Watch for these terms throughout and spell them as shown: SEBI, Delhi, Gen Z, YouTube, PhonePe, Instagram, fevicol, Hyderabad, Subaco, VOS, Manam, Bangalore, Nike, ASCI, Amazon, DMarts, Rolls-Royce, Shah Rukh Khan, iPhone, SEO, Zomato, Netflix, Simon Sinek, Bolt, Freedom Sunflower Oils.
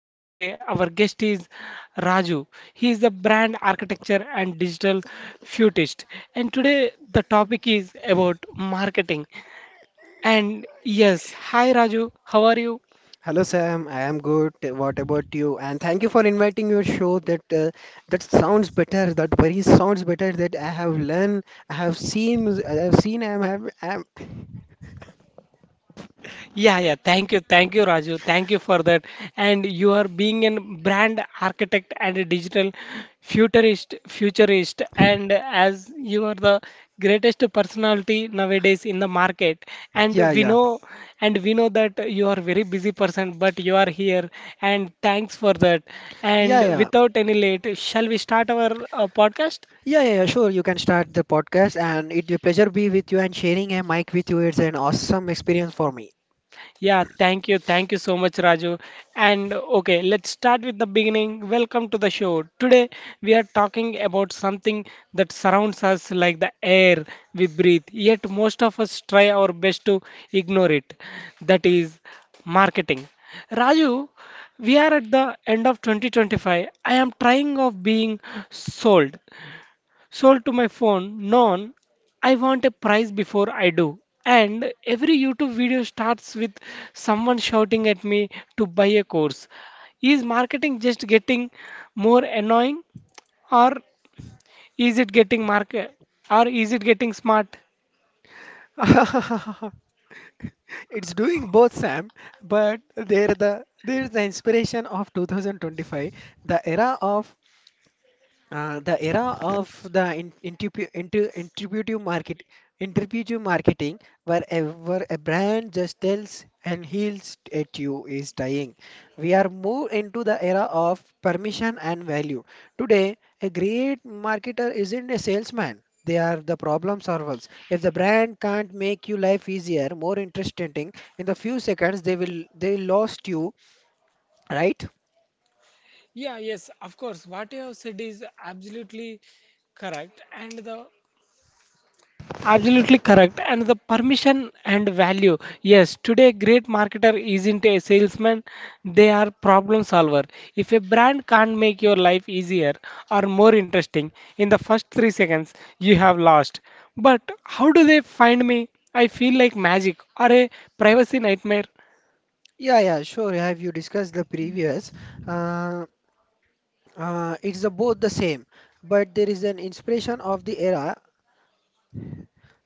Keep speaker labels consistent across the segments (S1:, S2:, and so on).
S1: and today our guest is Raju. He is the brand architecture and digital futurist. And today the topic is about marketing. And yes, hi Raju, how are you?
S2: Hello Sam, I am good. What about you? And thank you for inviting your show. That sounds better. That very sounds better. That I have learned, I have seen, I have seen. I am have. I am,
S1: Yeah, yeah. Thank you, Raju. Thank you for that. And you are being a brand architect and a digital futurist. And as you are the greatest personality nowadays in the market,
S2: yeah, yeah,
S1: and we
S2: yeah,
S1: know, and we know that you are very busy person, but you are here. And thanks for that.
S2: yeah,
S1: And
S2: yeah,
S1: without any late, shall we start our podcast?
S2: yeah. yeah, Sure, you can start the podcast, and it will pleasure be with you and sharing a mic with you. It's an awesome experience for me.
S1: Yeah, thank you. Thank you so much, Raju. And okay, let's start with the beginning. Welcome to the show. Today, we are talking about something that surrounds us like the air we breathe, yet, most of us try our best to ignore it. That is marketing. Raju, we are at the end of 2025. I am trying of being sold. Sold to my phone, non, I want a prize before I do. And every YouTube video starts with someone shouting at me to buy a course. Is marketing just getting more annoying or is it getting market or is it getting smart?
S2: It's doing both, Sam, but there's the inspiration of 2025, the era of the era of the in, intuitu- intu- intuitive market, intuitive marketing, where where a brand just tells and heals at you is dying. We are more into the era of permission and value. Today, a great marketer isn't a salesman. They are the problem solvers. If the brand can't make you life easier, more interesting, in the few seconds they lost you, right?
S1: Yeah, yes, of course. What you have said is absolutely correct. And the Absolutely correct. And the permission and value. Yes, today great marketer isn't a salesman, they are problem solver. If a brand can't make your life easier or more interesting in the first 3 seconds, you have lost. But how do they find me? I feel like magic or a privacy nightmare.
S2: Yeah, yeah, sure. Have you discussed the previous? Uh, it's both the same, but there is an inspiration of the era.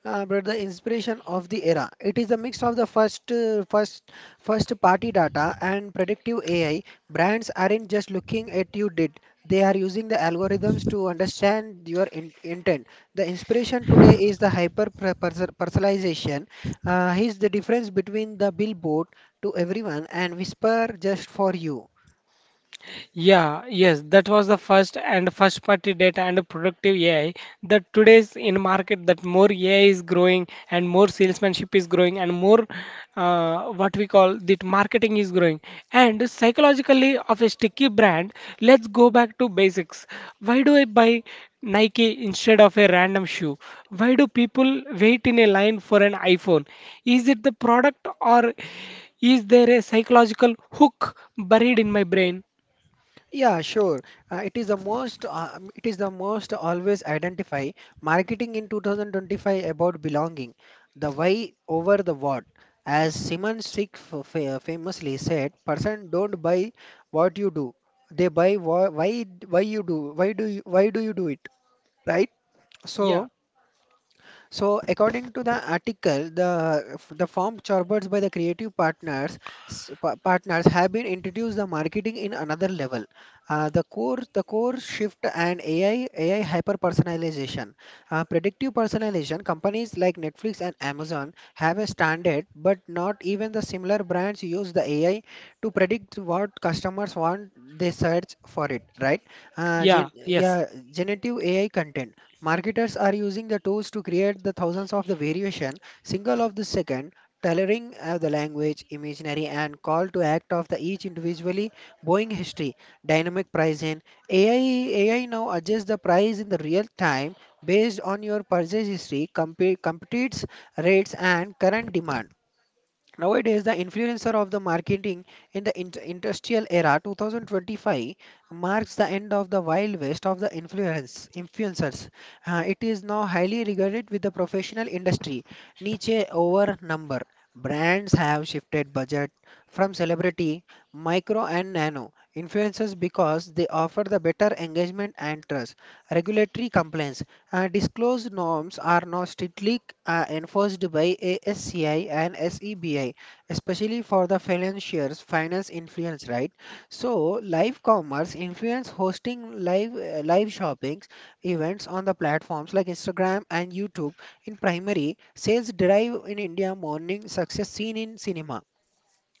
S2: But the inspiration of the era, it is a mix of the first party data and predictive AI. Brands aren't just looking at you did; they are using the algorithms to understand your in intent. The inspiration today is the personalization. Is the difference between the billboard to everyone and whisper just for you.
S1: Yeah, yes, that was the first and first party data and productive AI. That today's in market that more AI is growing and more salesmanship is growing and more what we call that marketing is growing. And psychologically of a sticky brand, let's go back to basics. Why do I buy Nike instead of a random shoe? Why do people wait in a line for an iPhone? Is it the product or is there a psychological hook buried in my brain?
S2: Yeah, sure. It is the most it is the most always identify marketing in 2025 about belonging, the why over the what. As Simon Sinek famously said, person don't buy what you do. They buy why you do. Why do you do it? Right?
S1: Yeah,
S2: So so, according to the article, the form chorboards by the creative partners s- pa- partners have been introduced the marketing in another level. The core shift and AI hyper personalization, predictive personalization. Companies like Netflix and Amazon have a standard, but not even the similar brands use the AI to predict what customers want. They search for it, right?
S1: yeah, yes,
S2: Generative AI content. Marketers are using the tools to create the thousands of the variation, single of the second, tailoring the language, imaginary and call to act of the each individually, buying history, dynamic pricing. AI now adjusts the price in the real time based on your purchase history, competes rates and current demand. Nowadays, the influencer of the marketing in the industrial era 2025 marks the end of the wild west of the influencers. It is now highly regarded with the professional industry. Niche over number. Brands have shifted budget from celebrity, micro and nano influencers because they offer the better engagement and trust. Regulatory compliance. Disclosed norms are now strictly enforced by ASCI and SEBI, especially for the financiers, finance influence, right? So, live commerce influence hosting live shopping events on the platforms like Instagram and YouTube. In primary, sales drive in India morning success seen in cinema.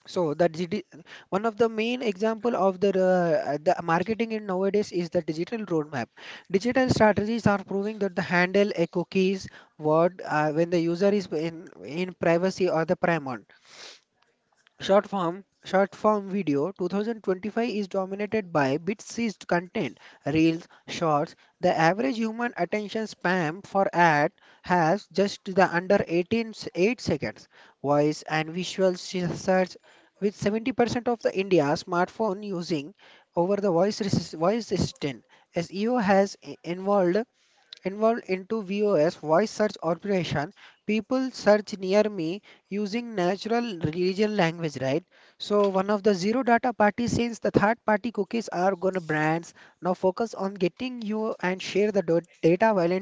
S2: So the digi- One of the main example of the marketing in nowadays is the digital roadmap. Digital strategies are proving that the handle a cookies word when the user is in privacy or the primal. Short form video 2025 is dominated by bit-sized content, reels, shorts. The average human attention span for ad has just the under 8 seconds. Voice and search with 70% of the India smartphone using over the voice assistant. SEO has involved into VOS voice search operation. People search near me using natural region language, right? So one of the zero data party since the third party cookies are gonna brands. Now focus on getting you and share the data while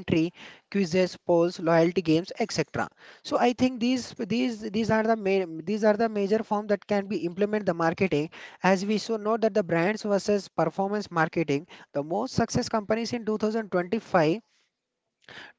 S2: quizzes, polls, loyalty games, etc. So I think these are the major form that can be implement the marketing as we so know that the brands versus performance marketing the most success companies in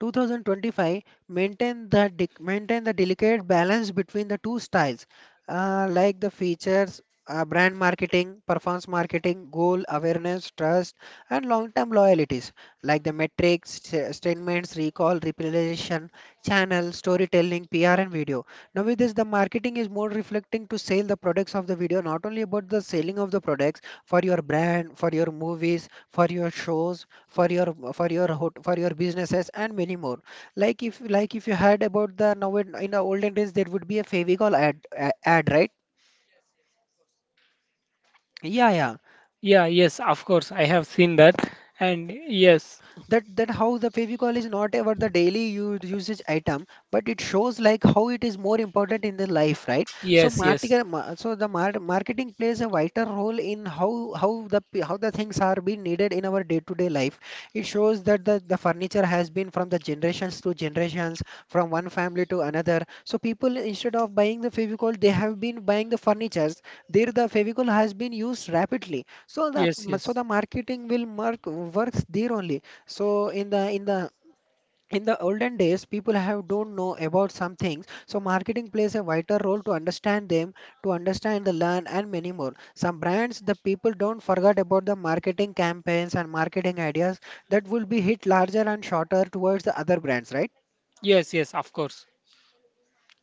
S2: 2025 maintain maintain the delicate balance between the two styles, like the features, brand marketing, performance marketing, goal awareness, trust, and long-term loyalties, like the metrics, statements, recall, repletion, channel, storytelling, PR, and video. Now, with this, the marketing is more reflecting to sell the products of the video, not only about the selling of the products for your brand, for your movies, for your shows, for your for your businesses and many more, like if you heard about the now in the olden days there would be a favicol ad, ad, right? Yeah, yeah.
S1: yeah, yes, of course, I have seen that, and yes,
S2: That, that how the fevicol is not ever the daily usage item, but it shows like how it is more important in the life, right? So
S1: yes, yes,
S2: marketing, so the marketing plays a vital role in how how the things are being needed in our day to day life. It shows that the furniture has been from the generations to generations from one family to another, so people instead of buying the fevicol they have been buying the furnitures, there the fevicol has been used rapidly. So the,
S1: yes,
S2: so
S1: yes,
S2: the marketing will mark works there only. So in the olden days, people have don't know about some things. So marketing plays a vital role to understand them, to understand the learn and many more. Some brands, the people don't forget about the marketing campaigns and marketing ideas that will be hit larger and shorter towards the other brands, right?
S1: yes, yes, of course.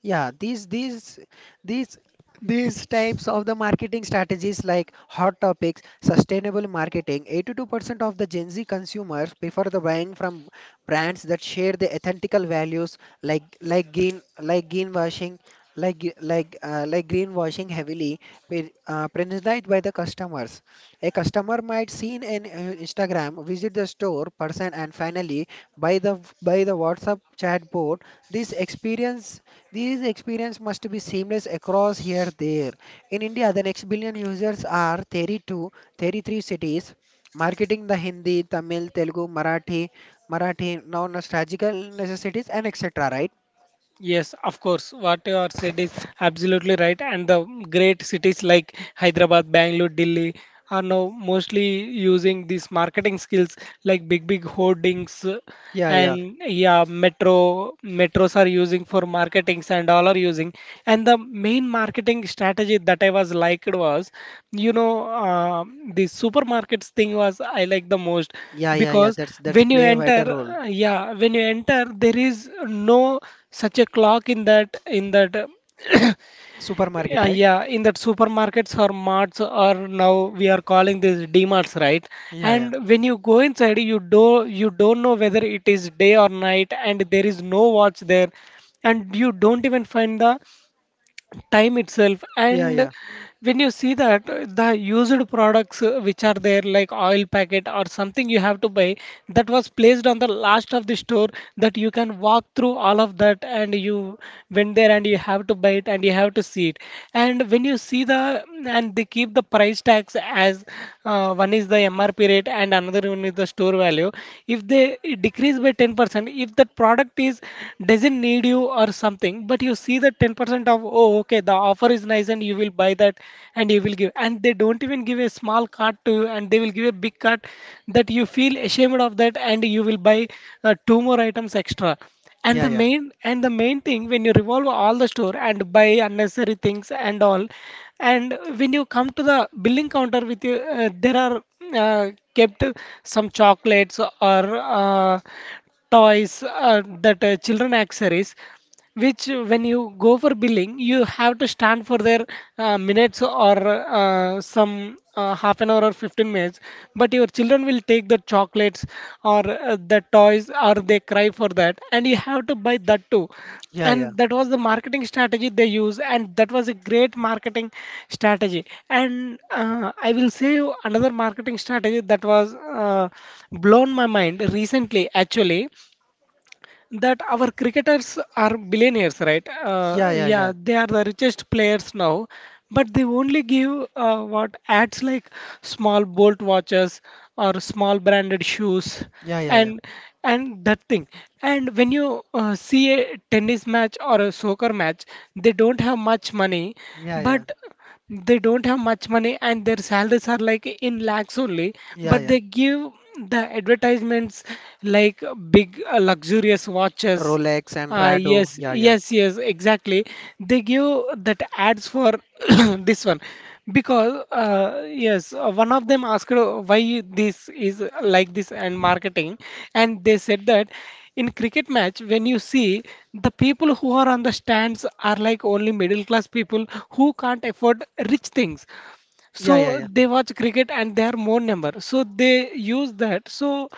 S2: Yeah, these these these these types of the marketing strategies like hot topics, sustainable marketing. 82% of the Gen Z consumers prefer the buying from brands that share the ethical values, like green like greenwashing like gre- like greenwashing heavily presented by the customers. A customer might see in an Instagram, visit the store person, and finally buy the WhatsApp chatbot. This experience These experience must be seamless across here there. In India, the next billion users are 32, 33 cities, marketing the Hindi, Tamil, Telugu, Marathi, non-nostalgical necessities and etc. Right?
S1: Yes, of course. What you are said is absolutely right. And the great cities like Hyderabad, Bangalore, Delhi are now mostly using these marketing skills like big, big hoardings,
S2: Yeah, yeah,
S1: and yeah, metros are using for marketings and all are using. And the main marketing strategy that I was liked was, you know, the supermarkets thing was I like the most
S2: yeah.
S1: because
S2: That's
S1: when you
S2: play a
S1: enter,
S2: vital role.
S1: yeah, when you enter, there is no such a clock in that
S2: Supermarket,
S1: yeah,
S2: right?
S1: yeah, in that supermarkets or marts or now we are calling this DMarts, right?
S2: Yeah, yeah,
S1: And when you go inside you do you don't know whether it is day or night, and there is no watch there, and you don't even find the time itself.
S2: yeah,
S1: And
S2: yeah.
S1: when you see that the used products, which are there like oil packet or something you have to buy, that was placed on the last of the store, that you can walk through all of that and you went there and you have to buy it and you have to see it. And when you see the, and they keep the price tags as, one is the MRP rate and another one is the store value. If they decrease by 10%, if that product is doesn't need you or something, but you see that 10% point of, oh, okay, the offer is nice and you will buy that and you will give. And they don't even give a small cart to, and they will give a big cart that you feel ashamed of that, and you will buy two more items extra. And the main thing, when you revolve all the store and buy unnecessary things and all, and when you come to the billing counter with you, there are, uh, kept some chocolates or uh, toys, that children accessories which, when you go for billing, you have to stand for their minutes or some half an hour or 15 minutes. But your children will take the chocolates or the toys or they cry for that, and you have to buy that too. And that was the marketing strategy they use, and that was a great marketing strategy. And I will say you another marketing strategy that was blown my mind recently, actually, that our cricketers are billionaires, right? Yeah, they are the richest players now, but they only give what ads like small Bolt watches or small branded shoes, and and that thing. And when you see a tennis match or a soccer match, they don't have much money, but they don't have much money and their salaries are like in lakhs only, but they give the advertisements like big luxurious watches, yes, yes, yes, exactly. They give that ads for this one because, yes, one of them asked why this is like this and marketing, and they said that in cricket match, when you see the people who are on the stands are like only middle class people who can't afford rich things, so they watch cricket and they are more number, so they use that, so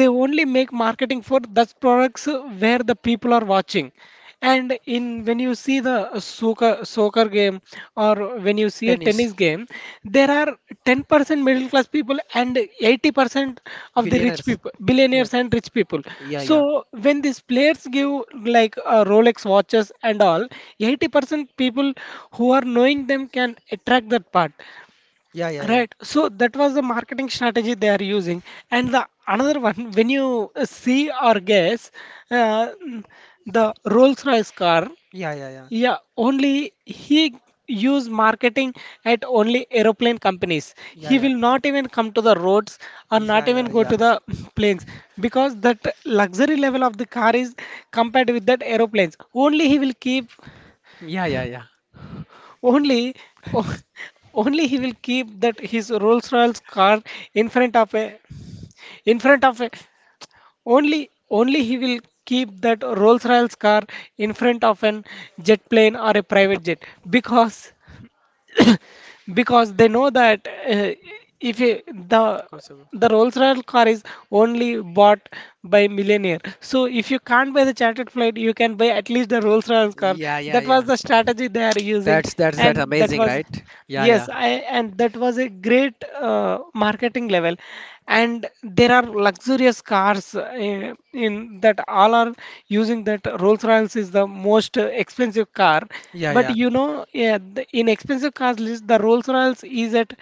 S1: they only make marketing for those products where the people are watching. And in, when you see the soccer game or when you see a tennis game, there are 10% middle class people and 80% of the rich people, billionaires and rich people. So when these players give like rolex watches and all, 80% people who are knowing them can attract that part. Right. So that was the marketing strategy they are using. And the another one, when you see or guess, uh, mm, the Rolls-Royce car, yeah, only he use marketing at only aeroplane companies. He will not even come to the roads or not even go to the planes because that luxury level of the car is compared with that aeroplanes. Only he will keep only, o- only he will keep that his Rolls-Royce car in front of a, in front of a, only, only he will keep that Rolls-Royce car in front of an jet plane or a private jet, because because they know that, if you, the the Rolls-Royce car is only bought by millionaire. So if you can't buy the chartered flight, you can buy at least the Rolls-Royce car. That was the strategy they are using, and that was, yes, I and that was a great marketing level. And there are luxurious cars, in that all are using that Rolls-Royce is the most expensive car. But you know, yeah, the, in expensive cars list, the Rolls-Royce is at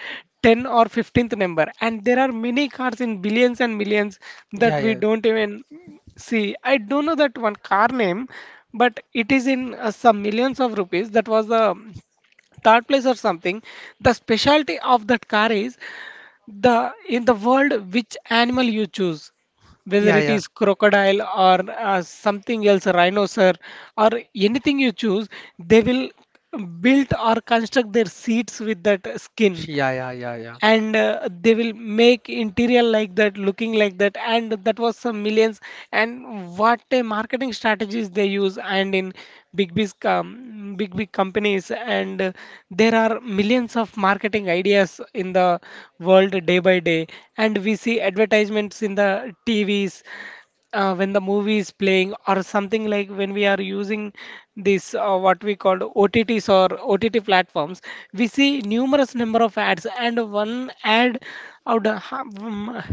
S1: 10 or 15th number, and there are many cars in billions and millions that we don't even see. I don't know that one car name, but it is in some millions of rupees. That was the third place or something. The specialty of that car is, the in the world, which animal you choose, whether it is crocodile or something else, rhinoceros or anything you choose, they will build or construct their seats with that skin, and they will make interior like that, looking like that, and that was some millions. And what a marketing strategies they use, and in big big companies, and there are millions of marketing ideas in the world day by day, and we see advertisements in the TVs when the movie is playing or something, like when we are using this, what we called OTTs or OTT platforms, we see numerous number of ads and one ad out of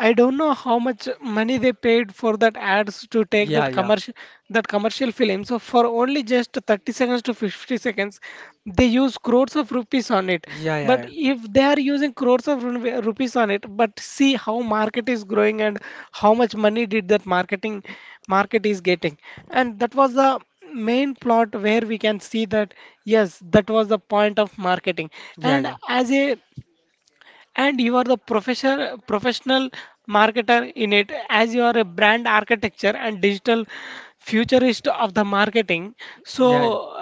S1: I don't know how much money they paid for that ads to take that commercial, that commercial film. So for only just 30 seconds to 50 seconds they use crores of rupees on it. But if they are using crores of rupees on it, but see how market is growing and how much money did that marketing market is getting, and that was the main plot where we can see that, yes, that was the point of marketing. And as a and you are the professional marketer in it, as you are a brand architecture and digital futurist of the marketing. So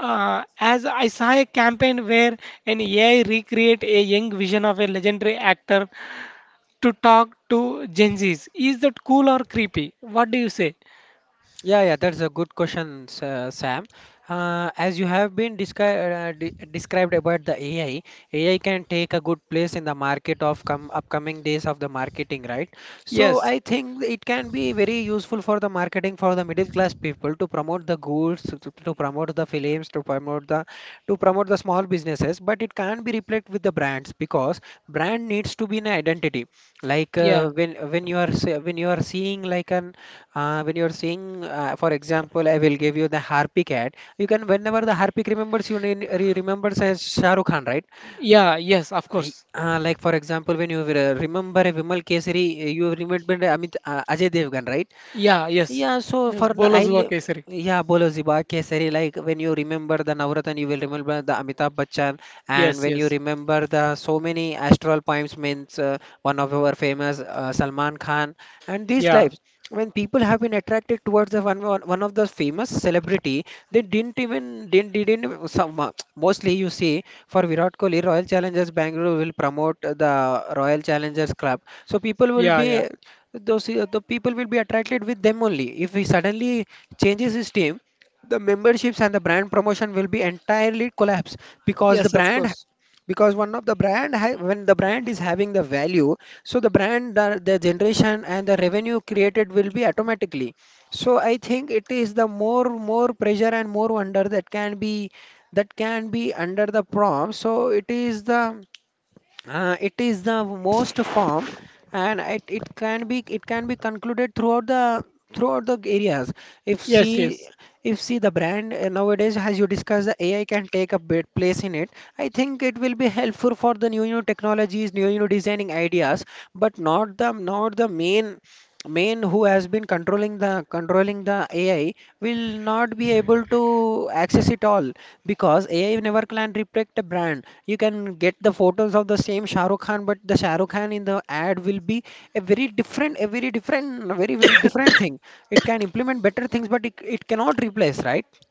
S1: as I saw a campaign where an AI recreate a young vision of a legendary actor to talk to Gen Z's, is that cool or creepy, what do you say? Yes. Yeah. Yeah, yes, of course. Yeah, yes. Yes, Bola Zuwa Kesari. Yes, yes. Yeah, yeah, yeah. Yes, of course. Yes, yes.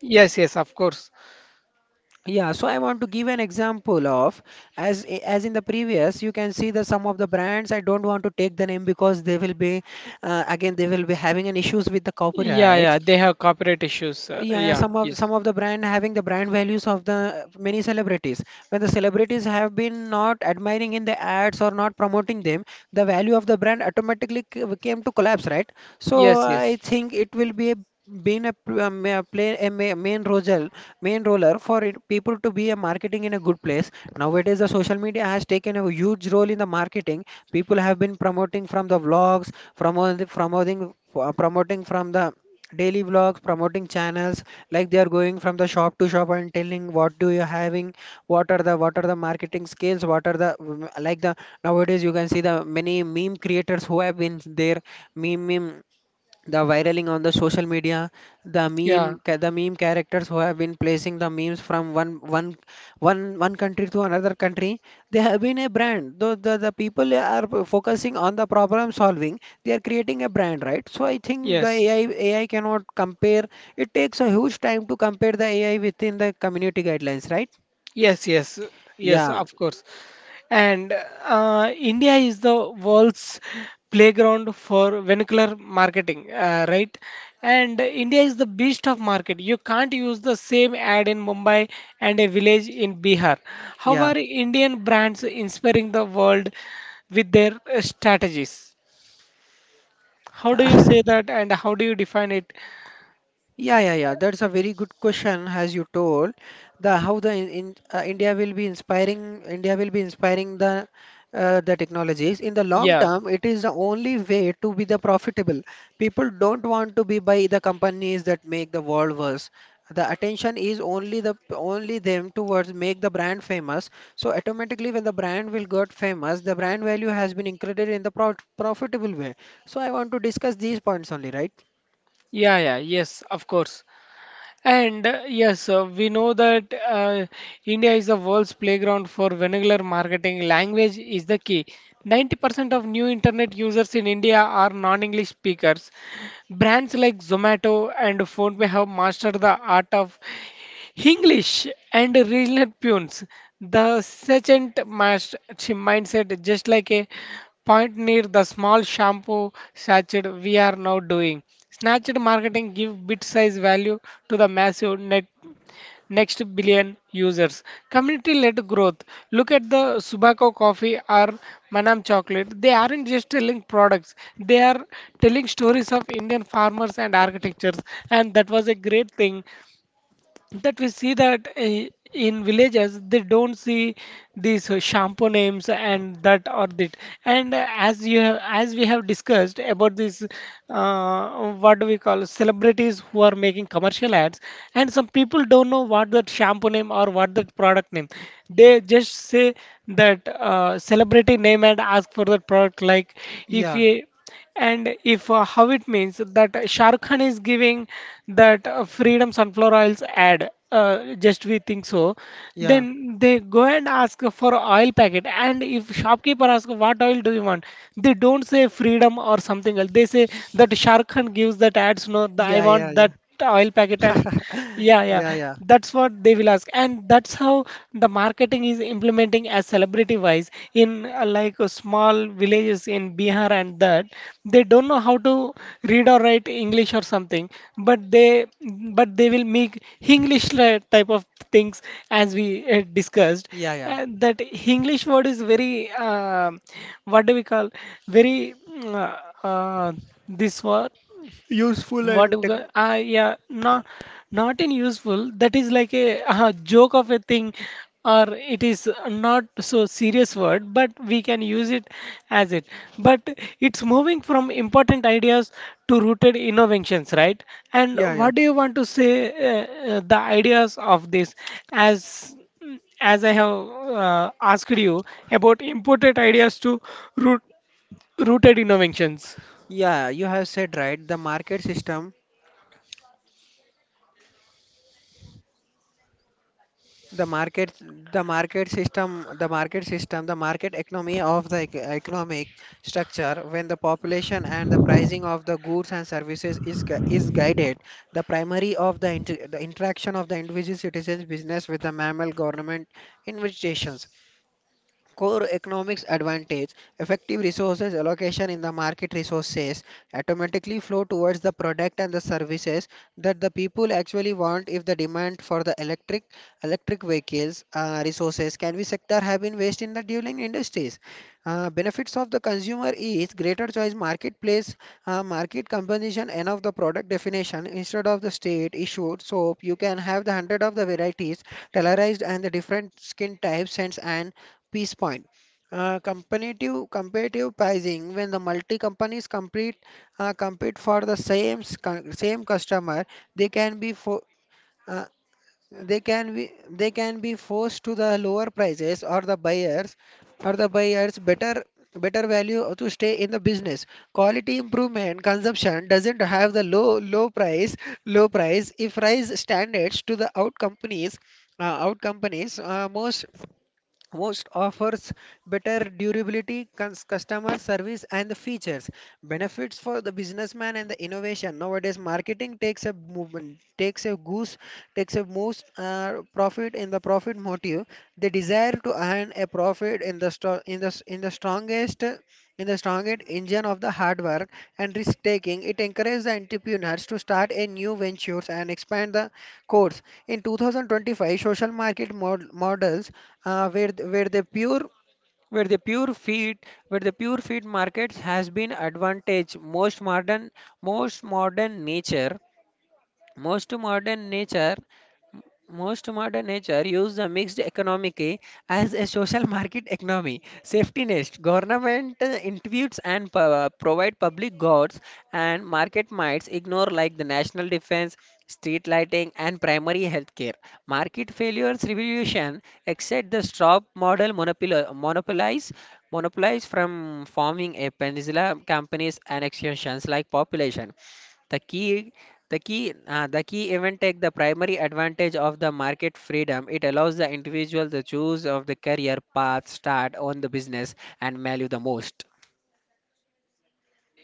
S1: Yes, yes, of course. Yeah, yeah, they have copyright issues. Yeah, yes. Yes, yes. Yeah, yes. Yes, yes. Yes, of course. And India is the world's playground for vernacular marketing, right? And India is the beast of market. You can't use the same ad in Mumbai and a village in Bihar. How are Indian brands inspiring the world with their strategies? How do you say that and how do you define it? Yeah. Yeah, yeah, yes, of course. And yes, we know that India is the world's playground for vernacular marketing. Language is the key. 90% of new internet users in India are non-English speakers. Brands like Zomato and PhonePe have mastered the art of English and regional tunes, the mindset, just like a point near the small shampoo sachet we are now doing. Snatched marketing give bit size value to the massive net next billion users. Community-led growth. Look at the Subaco coffee or Manam chocolate. They aren't just selling products. They are telling stories of Indian farmers and architectures. And that was a great thing that we see that in villages they don't see these shampoo names and that or that and as we have discussed about this what do we call celebrities who are making commercial ads, and some people don't know what that shampoo name or what that product name, they just say that celebrity name and ask for that product. Like if you, and if how it means that Shah Rukh Khan is giving that Freedom Sunflower Oils ad, just we think so, then they go and ask for oil packet. And if shopkeeper asks what oil do you want, they don't say Freedom or something else. They say that Shah Rukh Khan gives that ads. No, the, I want that the oil packet, and yeah, that's what they will ask, and that's how the marketing is implementing as celebrity wise in like small villages in Bihar and that. They don't know how to read or write English or something, but they, but they will make English type of things, as we discussed that English word is very what do we call, very this word, what do you call- ah yeah, not, not in useful, that is like a, joke of a thing, or it is not so serious word but we can use it as it. But it's moving from important ideas to rooted innovations, right? And what do you want to say, uh, the ideas of this, as as I have asked you about imported ideas to root, rooted innovations.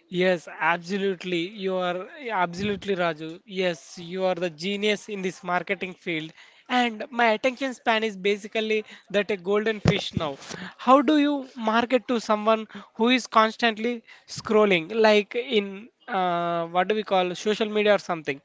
S1: Yes, absolutely. You are absolutely Raju. Yes, you are the genius in this marketing field. And my attention span is basically that a golden fish now. How do you market to someone who is constantly scrolling, like in what do we call social media or something?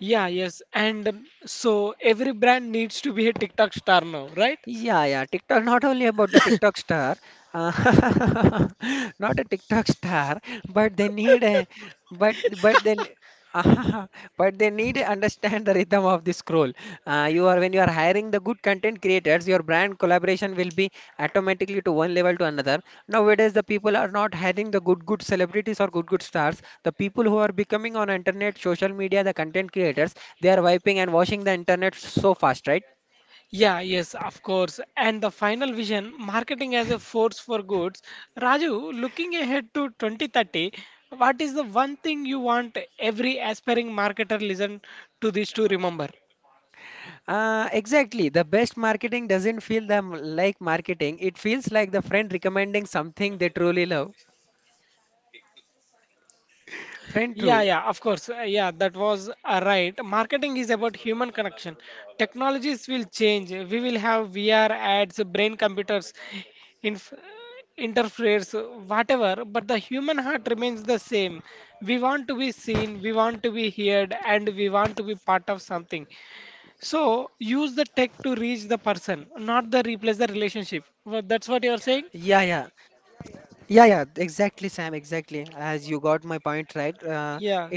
S1: Yeah, yes. And so every brand needs to be a TikTok star now, right? Yeah, yes, of course. And the final vision, marketing as a force for goods. Raju, looking ahead to 2030, what is the one thing you want every aspiring marketer listen to this to remember? Yeah, yeah, of course. Yeah, that was right. Marketing is about human connection. Technologies will change. We will have VR ads, brain computers, inf interferes, whatever, but the human heart remains the same. We want to be seen, we want to be heard, and we want to be part of something. So use the tech to reach the person, not the replace the relationship. Well, that's what you're saying? Yeah.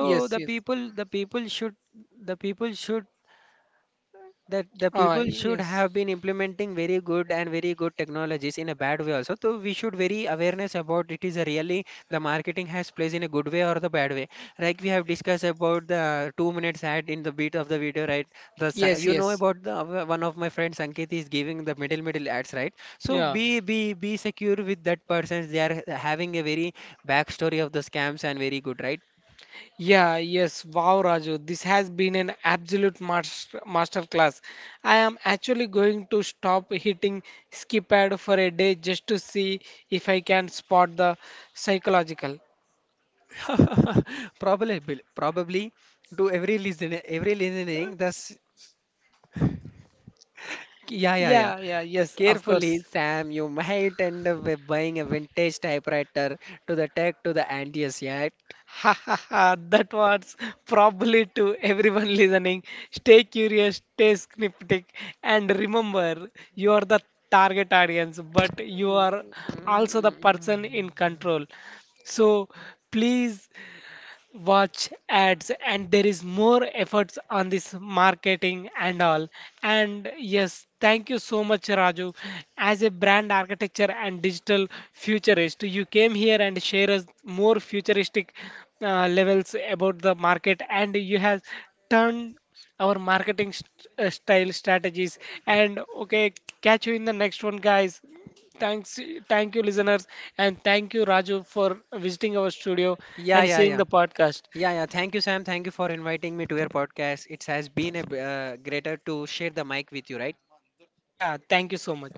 S1: Yes, yes. Yes. Yes, yes. Yeah. Yeah, yes, wow, Raju, this has been an absolute masterclass. I am actually going to stop hitting skip ad for a day just to see if I can spot the psychological. Yeah, yeah, yes, of course. Ha ha ha, that was probably to everyone listening. Stay curious, stay skeptic, and remember you are the target audience, but you are also the person in control. So please watch ads, and there is more efforts on this marketing and all. And yes, thank you so much, Raju. As a brand architecture and digital futurist, you came here and share us more futuristic levels about the market, and you have turned our style strategies, and okay, catch you in the next one, guys. Thanks, thank you, listeners, and thank you, Raju, for visiting our studio and seeing the podcast. Yeah, thank you so much.